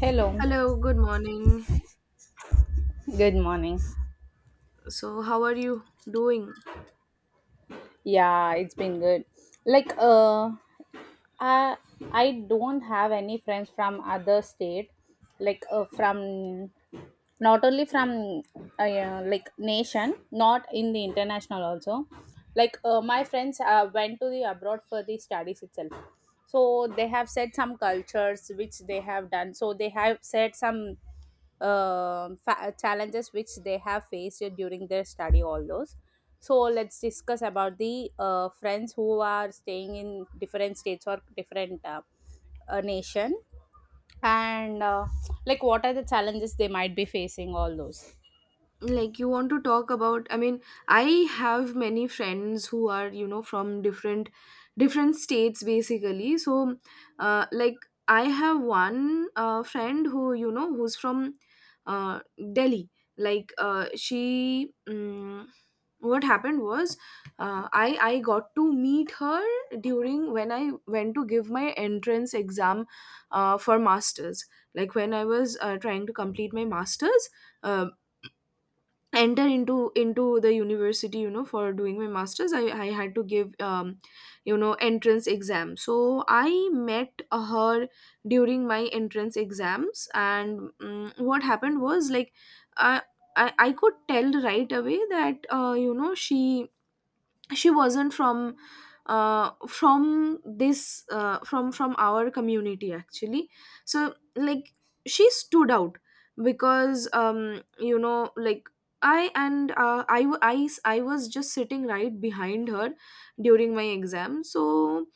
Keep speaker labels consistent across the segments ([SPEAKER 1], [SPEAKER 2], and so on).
[SPEAKER 1] Hello,
[SPEAKER 2] Hello, good morning.
[SPEAKER 1] good morning.
[SPEAKER 2] So, how are you doing?
[SPEAKER 1] Yeah, it's been good. Like, uh, I I don't have any friends from other state, from not only from yeah, like nation not in the international also my friends went to the abroad for the studies itself, so they have said some cultures which they have done, so they have said some challenges which they have faced during their study all those. So let's discuss about the friends who are staying in different states or different nation, and like, what are the challenges they might be facing? All those.
[SPEAKER 2] Like, you want to talk about. I mean, I have many friends who are, from different states, basically. So like, I have one friend who, who's from uh, Delhi. Like, she, what happened was, I got to meet her during when I went to give my entrance exam, for masters. Like, when I was trying to complete my masters, uh, enter into the university, you know, for doing my masters, I had to give, you know, entrance exam. So I met her during my entrance exams. And what happened was, like, I, I could tell right away that, you know, she wasn't from this from our community, actually. So, like, she stood out because, you know, like, I and I, w- I s- I was just sitting right behind her during my exam. So,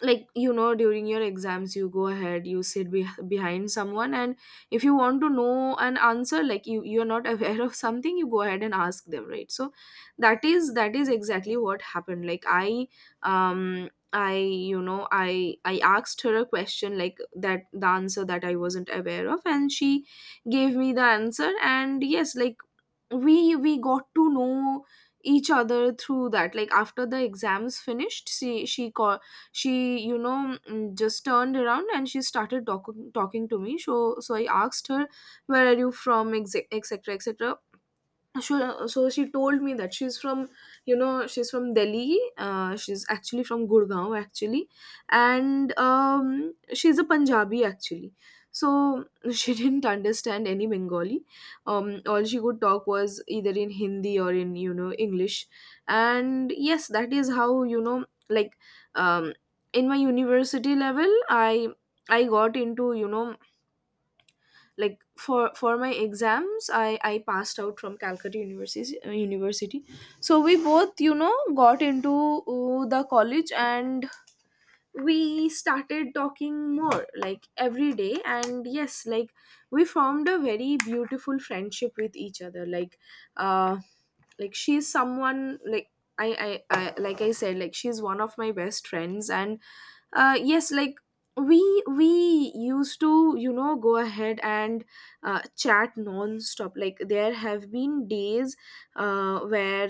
[SPEAKER 2] like, you know, during your exams you go ahead, you sit behind someone, and if you want to know an answer, like, you're not aware of something, you go ahead and ask them, right? So that is exactly what happened. Like, I you know I asked her a question, like, that the answer that I wasn't aware of, and she gave me the answer. And yes, like, we got to know each other through that. Like, after the exams finished, she called. She you know mm, Just turned around, and she started talking to me. So I asked her, where are you from, etc etc etc. So, she told me that she's from, you know, she's from Delhi. She's actually from Gurgaon, actually, and she's a Punjabi, actually. So she didn't understand any Bengali. All she could talk was either in Hindi or in, you know, English. And yes, that is how, you know, like, um, in my university level, I got into, you know, like, for my exams I passed out from Calcutta university. So we both, you know, got into the college, and we started talking more, like, every day. And yes, like, we formed a very beautiful friendship with each other. Like, uh like, she's someone, like, I, I like I said, like, she's one of my best friends. And yes, like, we used to, you know, go ahead and chat non-stop. Like, there have been days where,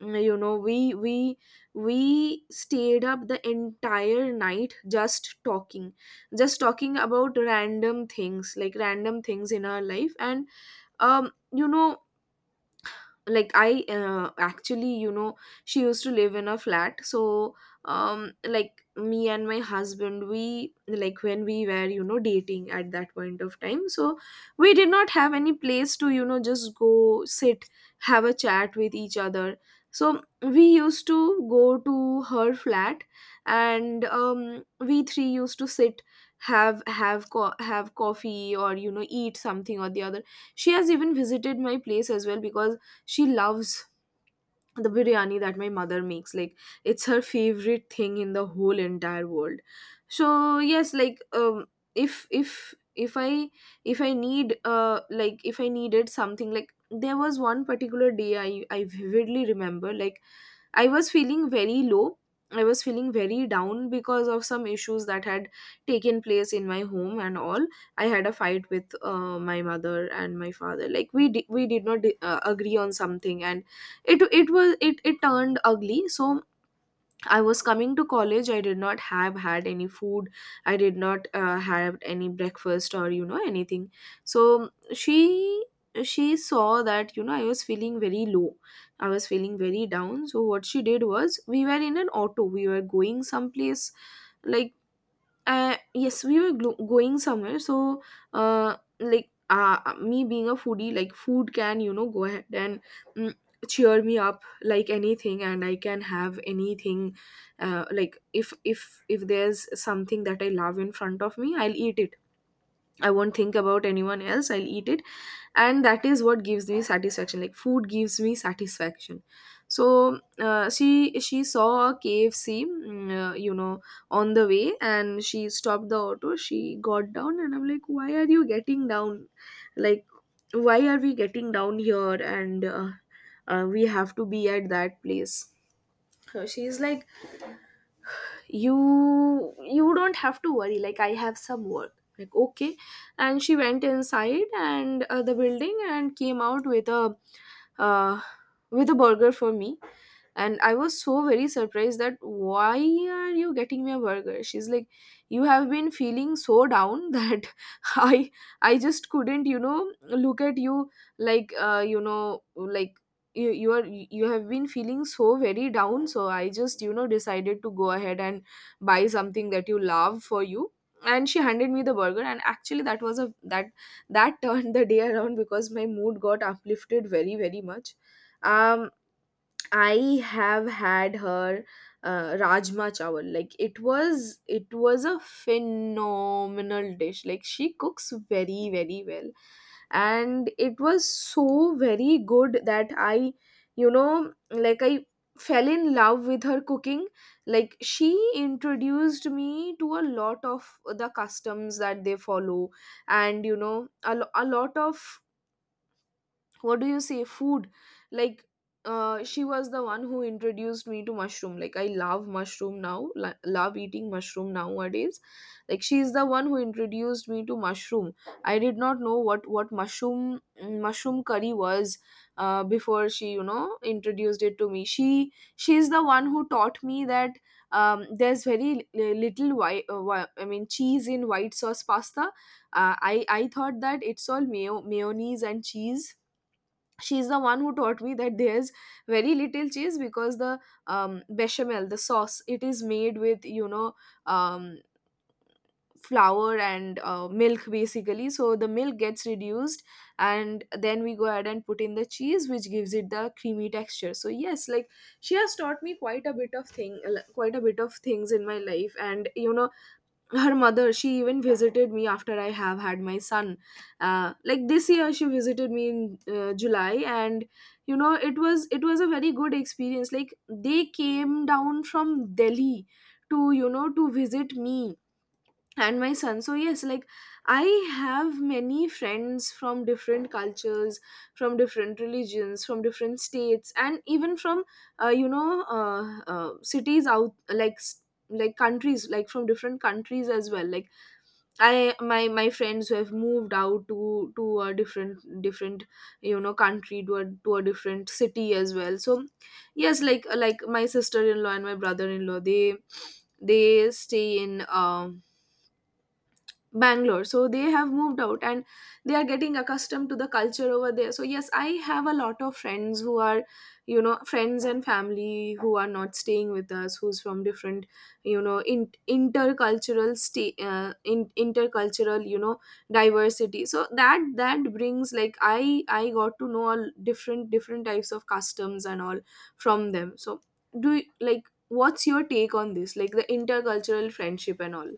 [SPEAKER 2] you know, we stayed up the entire night, just talking. Just talking about random things, like random things in our life. And you know, like, I actually, you know, she used to live in a flat. So, like, me and my husband, we, like, when we were, you know, dating at that point of time, so we did not have any place to, you know, just go sit, have a chat with each other. So we used to go to her flat. And we three used to sit, have coffee, or, you know, eat something or the other. She has even visited my place as well, because she loves the biryani that my mother makes. Like, it's her favorite thing in the whole entire world. So yes, like, if if if I if I need like if I needed something. Like, there was one particular day I vividly remember. Like, I was feeling very low. I was feeling very down because of some issues that had taken place in my home and all. I had a fight with my mother and my father. Like, we did not agree on something, and it was it it turned ugly. So I was coming to college. I did not have had any food. I did not have any breakfast, or, you know, anything. So she saw that, you know, I was feeling very low. I was feeling very down. So what she did was, we were in an auto. We were going someplace, like, yes, we were going somewhere. So like, me being a foodie, like, food can, you know, go ahead and, mm, cheer me up like anything, and I can have anything. Like, if there's something that I love in front of me, I'll eat it. I won't think about anyone else. I'll eat it. And that is what gives me satisfaction. Like, food gives me satisfaction. So she saw a KFC, you know, on the way, and she stopped the auto. She got down, and I'm like, why are you getting down? Like, why are we getting down here? And we have to be at that place. So she's like, you don't have to worry, like, I have some work, like, okay. And she went inside and the building and came out uh, with a burger for me. And I was so very surprised that, why are you getting me a burger? She's like, you have been feeling so down that i I just couldn't, you know, look at you. Like, you know, like, you have been feeling so very down, so I just, you know, decided to go ahead and buy something that you love for you. And she handed me the burger. And actually, that was a that that turned the day around, because my mood got uplifted very, very much. um I have had her rajma chawal. Like, it was a phenomenal dish. Like, she cooks very, very well, and it was so very good that I, you know, like, I fell in love with her cooking. Like, she introduced me to a lot of the customs that they follow, and you know, a lot of, what do you say, food, like, she was the one who introduced me to mushroom. Like, I love mushroom now, love eating mushroom nowadays. Like, she is the one who introduced me to mushroom. I did not know what mushroom curry was before she, you know, introduced it to me. She is the one who taught me that, there's very little white, I mean cheese, in white sauce pasta. I thought that it's all mayonnaise and cheese. She's the one who taught me that there's very little cheese, because the, bechamel, the sauce, it is made with, you know, um, flour and milk, basically. So the milk gets reduced, and then we go ahead and put in the cheese, which gives it the creamy texture. So yes, like, she has taught me quite a bit of things in my life. And you know, her mother, she even visited me after I have had my son. Like, this year she visited me in July. And you know, it was a very good experience. Like, they came down from Delhi to, you know, to visit me and my son. So yes, like, I have many friends from different cultures, from different religions, from different states, and even from, you know, cities out, like, like countries, like, from different countries as well. Like, I my friends who have moved out to a different, you know, country, to a different city as well. So yes, like, my sister-in-law and my brother-in-law, they stay in Bangalore. So they have moved out, and they are getting accustomed to the culture over there. So yes, I have a lot of friends who are, you know, friends and family who are not staying with us, who's from different, you know, intercultural stay, intercultural, you know, diversity. So that brings, like, I got to know all different types of customs and all from them. So, do you, like, what's your take on this, like, the intercultural friendship and all?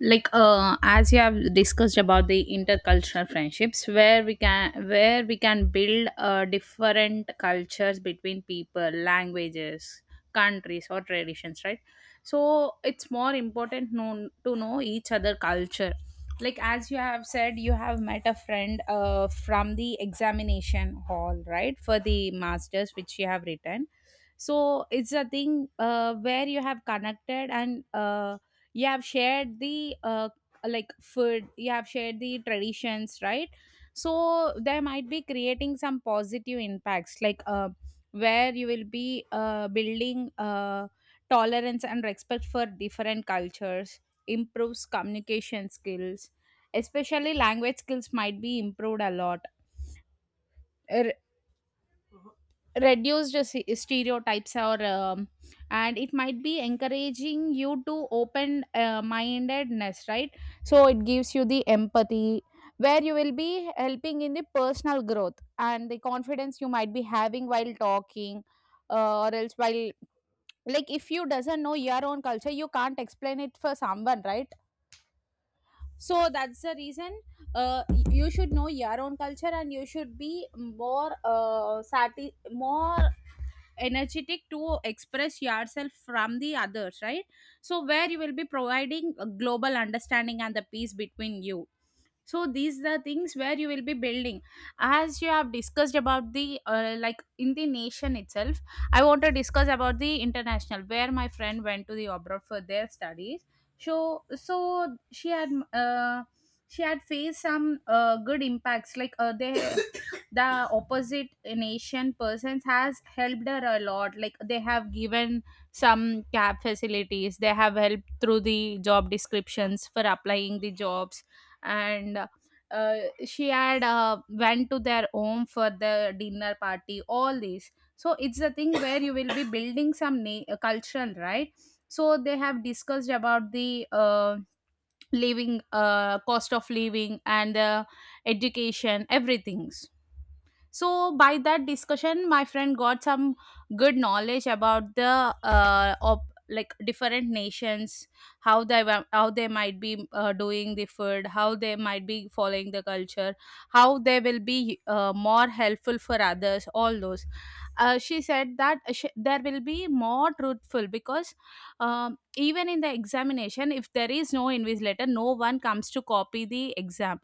[SPEAKER 1] As you have discussed about the intercultural friendships where we can build different cultures between people, languages, countries or traditions, right? So it's more important known to know each other culture. Like, as you have said, you have met a friend from the examination hall, right, for the masters which you have written. So it's a thing where you have connected, and you have shared the like food, you have shared the traditions, right? So there might be creating some positive impacts, where you will be building tolerance and respect for different cultures, improves communication skills, especially language skills might be improved a lot. Er, Reduced stereotypes or and it might be encouraging you to open mindedness, right? So it gives you the empathy where you will be helping in the personal growth and the confidence you might be having while talking, or else while, like if you doesn't know your own culture you can't explain it for someone, right? So that's the reason you should know your own culture and you should be more more energetic to express yourself from the others, right? So where you will be providing a global understanding and the peace between you. So these are things where you will be building. As you have discussed about the like in the nation itself, I want to discuss about the international where my friend went to the abroad for their studies. So she had uh, she had faced some good impacts, like they the opposite nation persons has helped her a lot, like they have given some cab facilities, they have helped through the job descriptions for applying the jobs, and uh, she had went to their home for the dinner party, all these. So it's the thing where you will be building some cultural, right? So they have discussed about the living cost of living and the education, everything. So by that discussion my friend got some good knowledge about the of like different nations, how how they might be doing the food, how they might be following the culture, how they will be more helpful for others, all those. She said that sh there will be more truthful, because even in the examination, if there is no invigilator, no one comes to copy the exam.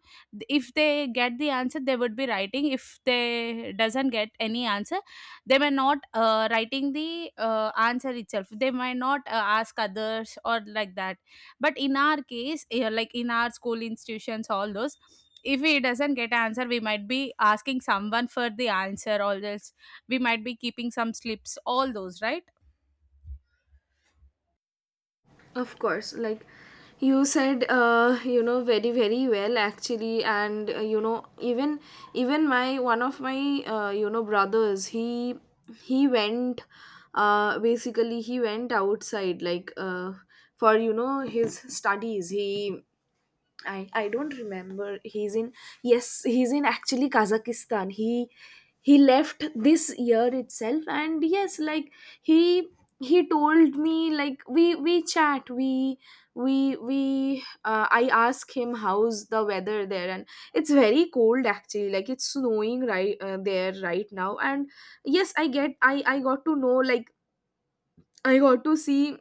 [SPEAKER 1] If they get the answer they would be writing, if they doesn't get any answer they may not writing the answer itself, they might not ask others or like that. But in our case, yeah, like in our school institutions all those, if we doesn't get answer we might be asking someone for the answer all this, we might be keeping some slips all those, right?
[SPEAKER 2] Of course, like you said, you know, very, very well, actually. And you know, even my one of my, you know, brothers, he basically, he went outside, like, for, you know, his studies. He, I don't remember. He's in, yes, he's in actually Kazakhstan. He left this year itself, and yes, like he he told me, like we chat we I ask him how's the weather there. And it's very cold actually, like it's snowing right there right now. And yes, I get I got to know, like, I got to see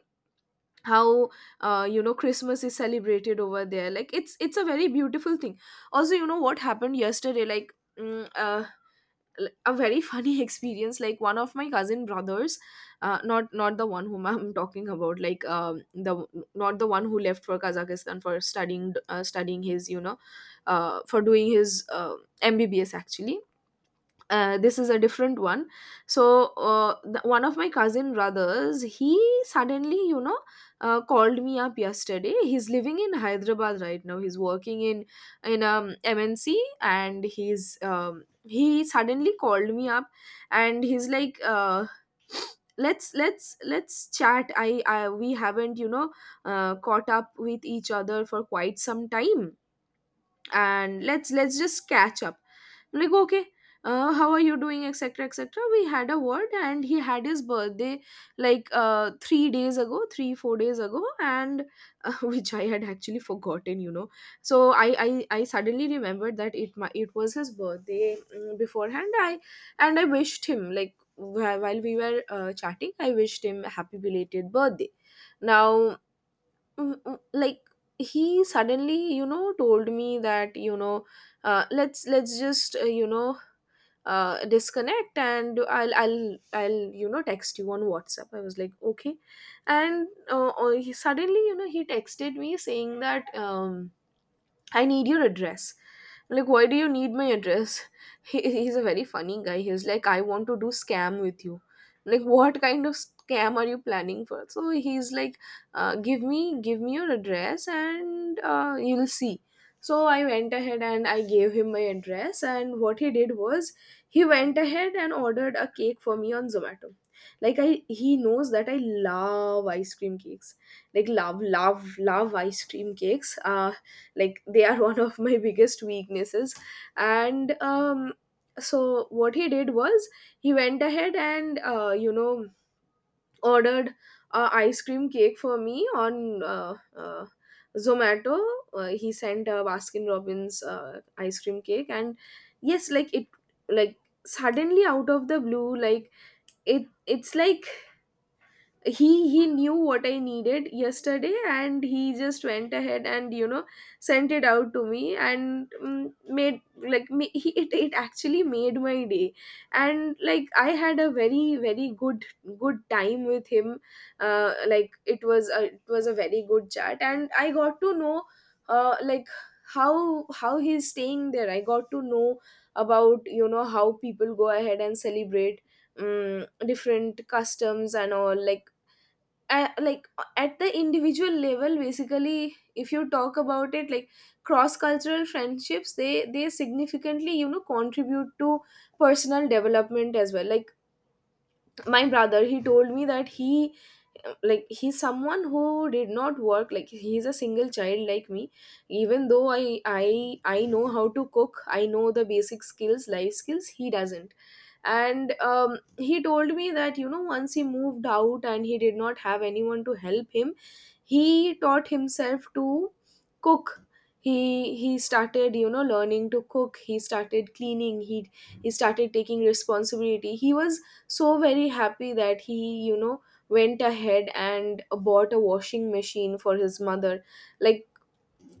[SPEAKER 2] how you know Christmas is celebrated over there. Like, it's a very beautiful thing. Also, you know what happened yesterday? Like, mm, uh, a very funny experience, like one of my cousin brothers, not the one whom I'm talking about, like, the not the one who left for Kazakhstan for studying, studying his you know for doing his mbbs, actually. This is a different one. So, one of my cousin brothers, he suddenly, you know, called me up yesterday. He's living in Hyderabad right now. He's working in mnc. And he suddenly called me up, and he's like, Let's chat. I We haven't, you know, caught up with each other for quite some time. And let's just catch up. I'm like, okay, how are you doing, etc., etc. We had a word, and he had his birthday, like, 3 days ago, 3, 4 days ago, and which I had actually forgotten, you know. So I suddenly remembered that it was his birthday, beforehand. I and I wished him, like, while we were chatting, I wished him a happy belated birthday. Now, like, he suddenly, you know, told me that, you know, let's just, you know, disconnect, and I'll, you know, text you on WhatsApp. I was like, okay. And he suddenly, you know, he texted me saying that, I need your address. Like, why do you need my address? He's a very funny guy. He was like, I want to do scam with you. Like, what kind of scam are you planning for? So he's like, give me your address, and you'll see. So I went ahead and I gave him my address, and what he did was he went ahead and ordered a cake for me on Zomato. Like, he knows that I love ice cream cakes, like, love love love ice cream cakes, like they are one of my biggest weaknesses. And so what he did was he went ahead and, you know, ordered a ice cream cake for me on Zomato. He sent a Baskin Robbins ice cream cake. And yes, like, suddenly out of the blue, like, it's like, he knew what I needed yesterday, and he just went ahead and, you know, sent it out to me. And, mm, made like me he, it actually made my day. And like I had a very very good time with him. Like, it was a very good chat, and I got to know, like, how he's staying there. I got to know about, you know, how people go ahead and celebrate, different customs and all. Like, at the individual level, basically, if you talk about it, like, cross cultural friendships, they significantly, you know, contribute to personal development as well. Like, my brother, he told me that he like, he's someone who did not work, like he's a single child like me. Even though I know how to cook, I know the basic skills, life skills, he doesn't. And he told me that, you know, once he moved out and he did not have anyone to help him, he taught himself to cook. He started, you know, learning to cook. He started cleaning. He started taking responsibility. He was so very happy that he, you know, went ahead and bought a washing machine for his mother. Like,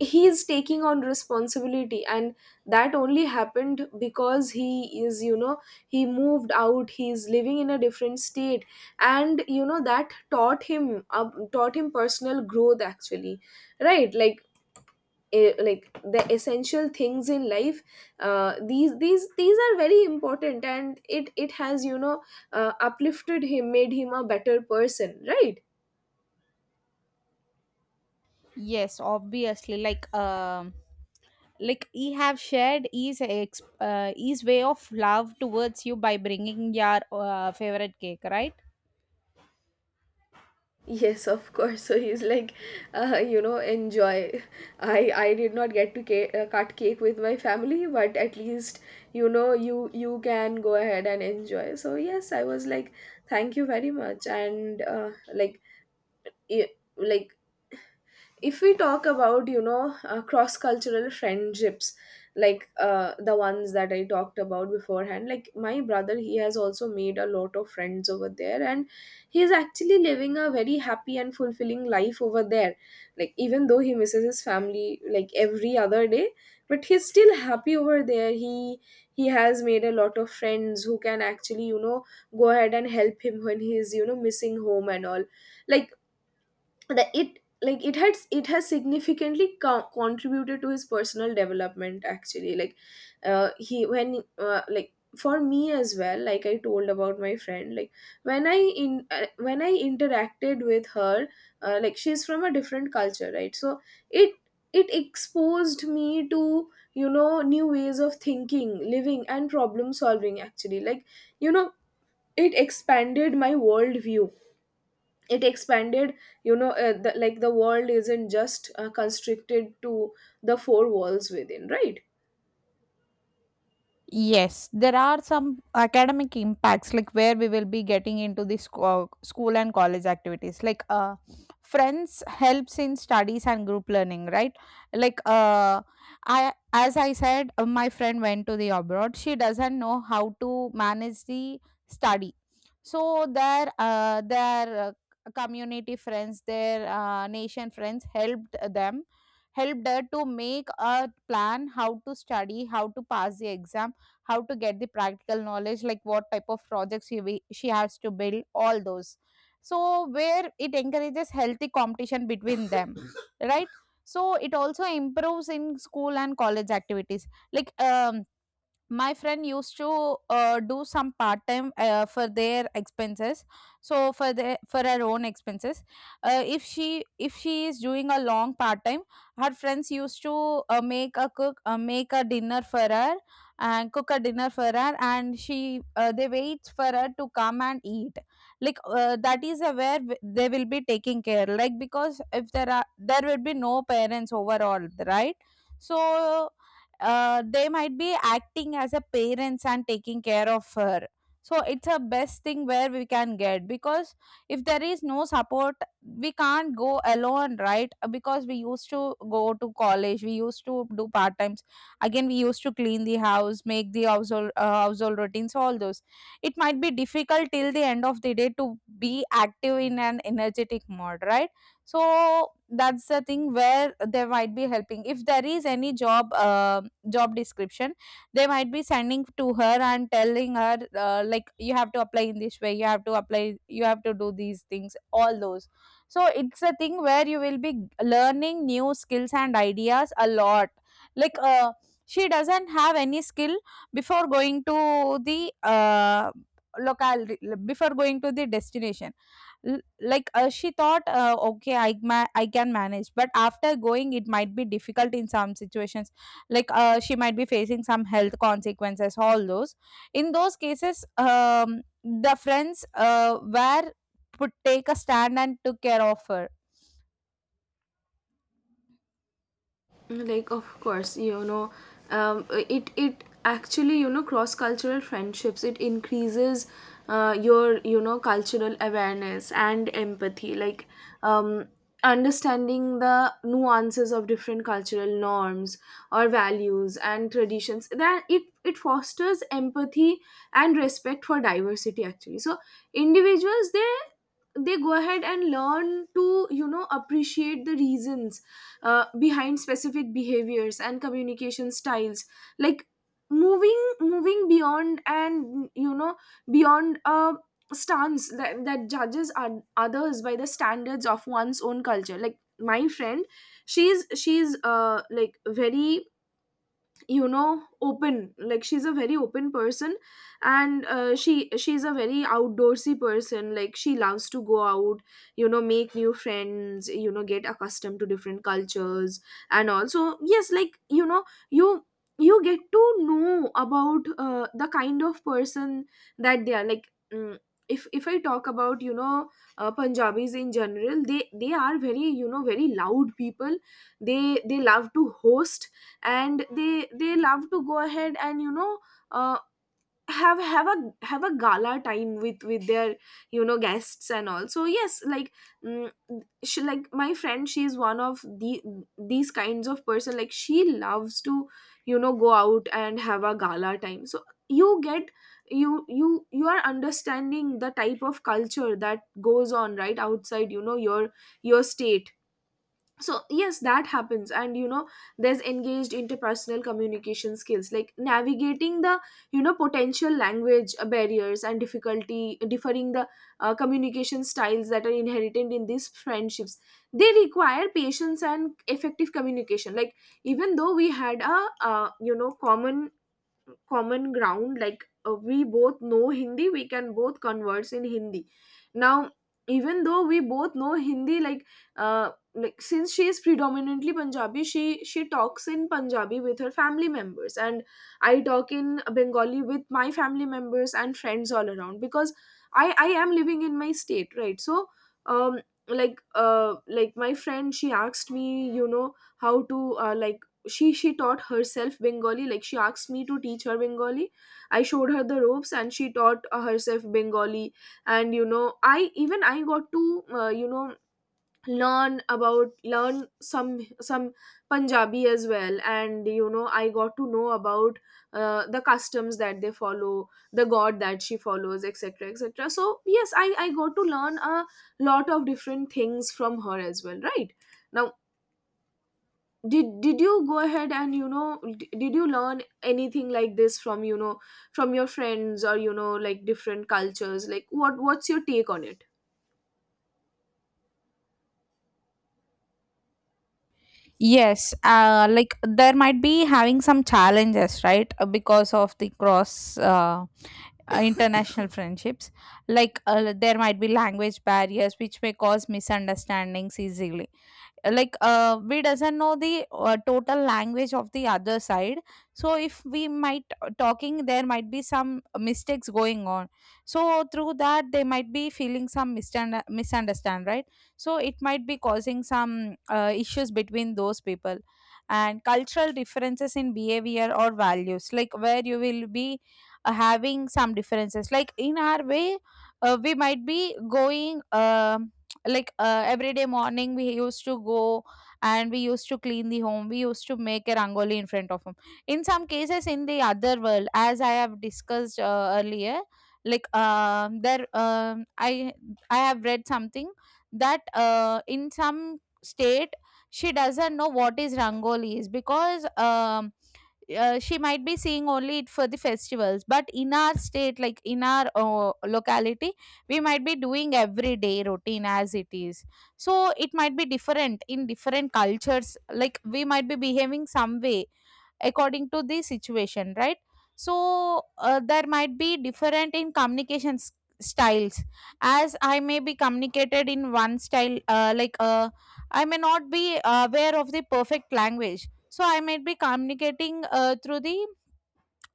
[SPEAKER 2] he's taking on responsibility, and that only happened because he is, you know, he moved out, he's living in a different state. And you know, that taught him, taught him personal growth, actually, right? Like, like, the essential things in life, these are very important, and it has, you know, uplifted him, made him a better person, right?
[SPEAKER 1] Yes, obviously. Like he have shared his his way of love towards you by bringing your favorite cake, right?
[SPEAKER 2] Yes, of course. So he's like, you know, enjoy. I did not get to cut cake with my family, but at least, you know, you can go ahead and enjoy. So yes, I was like, thank you very much. And, like, like, if we talk about, you know, cross cultural friendships, like, the ones that I talked about beforehand, like, my brother, he has also made a lot of friends over there, and he is actually living a very happy and fulfilling life over there. Like, even though he misses his family like every other day, but he's still happy over there. He he has made a lot of friends who can actually, you know, go ahead and help him when he is, you know, missing home and all. Like that it like It has significantly contributed to his personal development, actually. Like he when Like, for me as well, like I told about my friend. Like, when I in when I interacted with her, like, she's from a different culture, right? So it it exposed me to, you know, new ways of thinking, living, and problem solving, actually. Like, you know, it expanded my worldview. It expanded you know the, Like, the world isn't just constricted to the four walls within, right?
[SPEAKER 1] Yes, there are some academic impacts, like where we will be getting into the school and college activities. Friends helps in studies and group learning, right? Like, uh, I as I said, my friend went to the abroad. She doesn't know how to manage the study, so their community friends, their nation friends helped them, helped her to make a plan how to study, how to pass the exam, how to get the practical knowledge, like what type of projects she has to build all those. So where it encourages healthy competition between them. Right. So it also improves in school and college activities, like my friend used to do some part time for their expenses, so for their, for her own expenses, if she, if she is doing a long part time, her friends used to make a dinner for her and cook a dinner for her, and she they wait for her to come and eat. That is a where they will be taking care, like because if there are, there will be no parents overall, right? So they might be acting as a parents and taking care of her. So it's a best thing where we can get, because if there is no support, we can't go alone, right? Because we used to go to college, we used to do part times, again we used to clean the house, make the household household routines all those, it might be difficult till the end of the day to be active in an energetic mode, right? So that's the thing where they might be helping, if there is any job description, they might be sending to her and telling her like you have to apply in this way, you have to apply, you have to do these things all those. So it's a thing where you will be learning new skills and ideas a lot. like uh, she doesn't have any skill before going to the locale, before going to the destination. She thought okay I can manage, but after going it might be difficult in some situations, she might be facing some health consequences all those. In those cases the friends were would take a stand and took care of her.
[SPEAKER 2] Like, of course, you know, it actually, you know, cross cultural friendships, it increases, your, you know, cultural awareness and empathy. Like, um, understanding the nuances of different cultural norms, or values, and traditions, that it fosters empathy and respect for diversity, actually. So individuals, they go ahead and learn to, you know, appreciate the reasons behind specific behaviors and communication styles. Like, moving beyond and, you know, beyond a stance that judges others by the standards of one's own culture. Like, my friend, she's like, very, you know, open. Like, she's a very open person. And, she's a very outdoorsy person. Like, she loves to go out, you know, make new friends, you know, get accustomed to different cultures. And also, yes, like, you know, you you get to know about, the kind of person that they are, like, if I talk about, you know, Punjabis in general, they are very, you know, very loud people. They they love to host, and they love to go ahead and, you know, uh, have a gala time with their, you know, guests and all. So yes, like, mm, she like, my friend, she is one of these kinds of person. Like, she loves to, you know, go out and have a gala time. So you get, you are understanding the type of culture that goes on right outside, you know, your state. So yes, that happens. And you know, there's engaged interpersonal communication skills, like navigating the, you know, potential language barriers and difficulty differing the communication styles that are inherited in these friendships. They require patience and effective communication. Like, even though we had a, you know, common ground, like, we both know Hindi, we can both converse in Hindi. Now, even though we both know Hindi, like, since she is predominantly Punjabi, she talks in Punjabi with her family members, and I talk in Bengali with my family members and friends all around, because I am living in my state, right? So, um like, like, my friend, she asked me, you know, how to, like, she taught herself Bengali. Like, she asked me to teach her Bengali. I showed her the ropes, and she taught, herself Bengali. And you know, I got to, you know, learn some some Punjabi as well. And you know, I got to know about, the customs that they follow, the god that she follows, etc., etc. So yes, I got to learn a lot of different things from her as well, right? Now, did you go ahead and, you know, did you learn anything like this from, you know, from your friends, or, you know, like, different cultures? Like, what's your take on it?
[SPEAKER 1] Yes, like there might be having some challenges, right, because of the cross international friendships. There might be language barriers which may cause misunderstandings easily. We doesn't know the total language of the other side, so if we might talking, there might be some mistakes going on. So through that they might be feeling some misunderstand, right? So it might be causing some issues between those people. And cultural differences in behavior or values, like where you will be having some differences, like in our way we might be going, like every day morning we used to go and we used to clean the home, we used to make a rangoli in front of him. In some cases in the other world, as I have discussed earlier, like there I have read something that in some state she doesn't know what is rangoli is, because she might be seeing only it for the festivals, but in our state, like in our locality, we might be doing everyday routine as it is. So it might be different in different cultures, like we might be behaving some way according to the situation, right? So there might be different in communication styles. As I may be communicated in one style, I may not be aware of the perfect language, so I might be communicating through the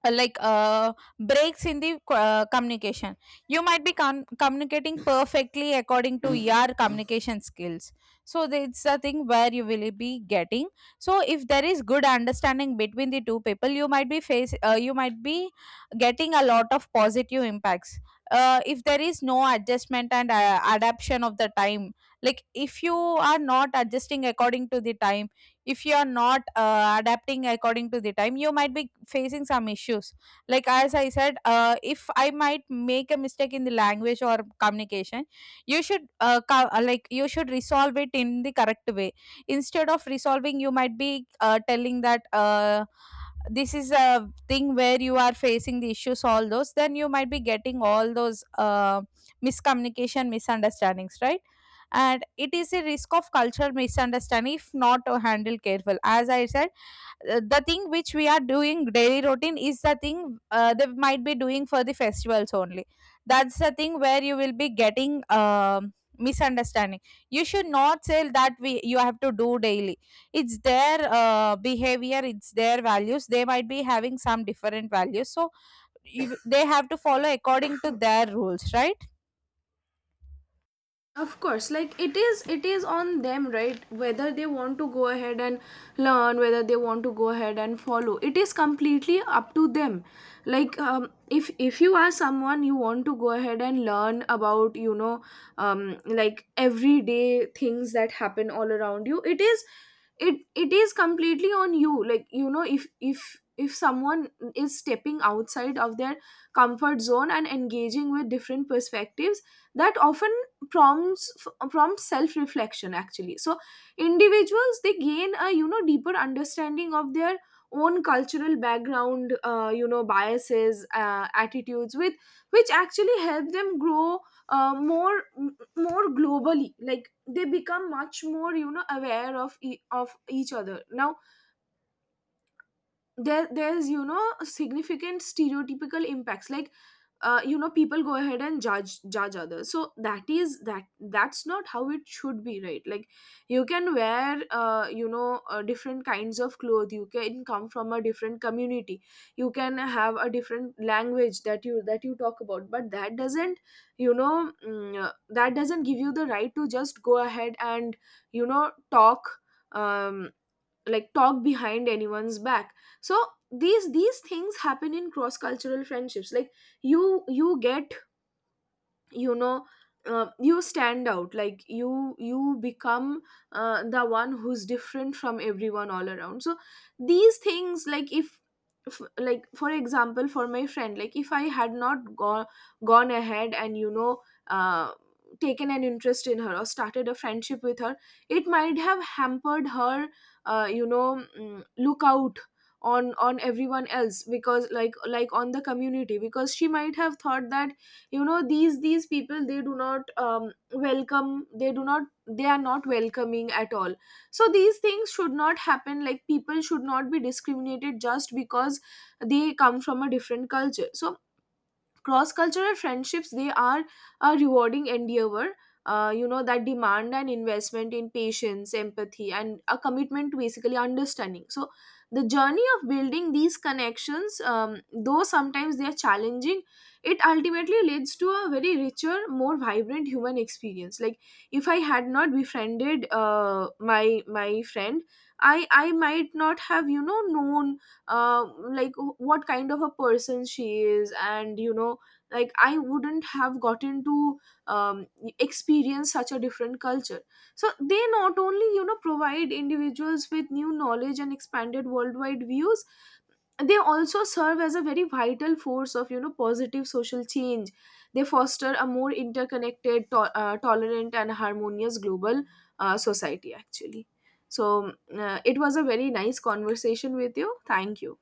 [SPEAKER 1] uh, like uh, breaks in the communication. You might be communicating perfectly according to your communication skills. So it's the thing where you will be getting. So if there is good understanding between the two people, you might be face you might be getting a lot of positive impacts. If there is no adjustment and adaptation of the time, like if you are not adjusting according to the time, if you are not adapting according to the time, you might be facing some issues. Like as I said, if I might make a mistake in the language or communication, you should like you should resolve it in the correct way. Instead of resolving, you might be telling that this is a thing where you are facing the issues all those, then you might be getting all those miscommunication misunderstandings, right? And it is a risk of cultural misunderstanding if not handled careful. As I said, the thing which we are doing daily routine is the thing they might be doing for the festivals only. That's the thing where you will be getting misunderstanding. You should not say that we, you have to do daily. It's their behavior, it's their values, they might be having some different values, so you, they have to follow according to their rules, right?
[SPEAKER 2] Of course, like, it is on them, right? Whether they want to go ahead and learn, whether they want to go ahead and follow, it is completely up to them. Like, if you are someone you want to go ahead and learn about, you know, like everyday things that happen all around you, it is completely on you. Like, you know, if someone is stepping outside of their comfort zone and engaging with different perspectives, that often prompts self reflection, actually. So individuals, they gain a, you know, deeper understanding of their own cultural background, you know, biases, attitudes, with which actually help them grow, more, more globally. Like, they become much more, you know, aware of of each other. Now, there's, you know, significant stereotypical impacts. Like, you know, people go ahead and judge others, so that is that that's not how it should be, right? Like, you can wear, you know, different kinds of clothes, you can come from a different community, you can have a different language that you talk about, but that doesn't, you know, that doesn't give you the right to just go ahead and, you know, talk, um talk behind anyone's back. So, these things happen in cross cultural friendships. Like, you you get you know, you stand out, like, you become the one who's different from everyone all around. So these things, like, if f- like, for example, for my friend, like, if I had not gone ahead and, you know, taken an interest in her or started a friendship with her, it might have hampered her, you know, look out on everyone else, because, on the community, because she might have thought that, you know, these people, they do not, welcome, they are not welcoming at all. So these things should not happen. Like, people should not be discriminated just because they come from a different culture. So cross cultural friendships, they are a rewarding endeavor, you know, that demand an investment in patience, empathy, and a commitment to basically understanding. So the journey of building these connections, though sometimes they are challenging, it ultimately leads to a very richer, more vibrant human experience. Like, if I had not befriended, my friend, I might not have, you know, known, uh, like, what kind of a person she is. And you know, like, I wouldn't have gotten to, um, experience such a different culture. So they not only, you know, provide individuals with new knowledge and expanded worldwide views, they also serve as a very vital force of, you know, positive social change. They foster a more interconnected, tolerant and harmonious global, society, actually. So, it was a very nice conversation with you. Thank you.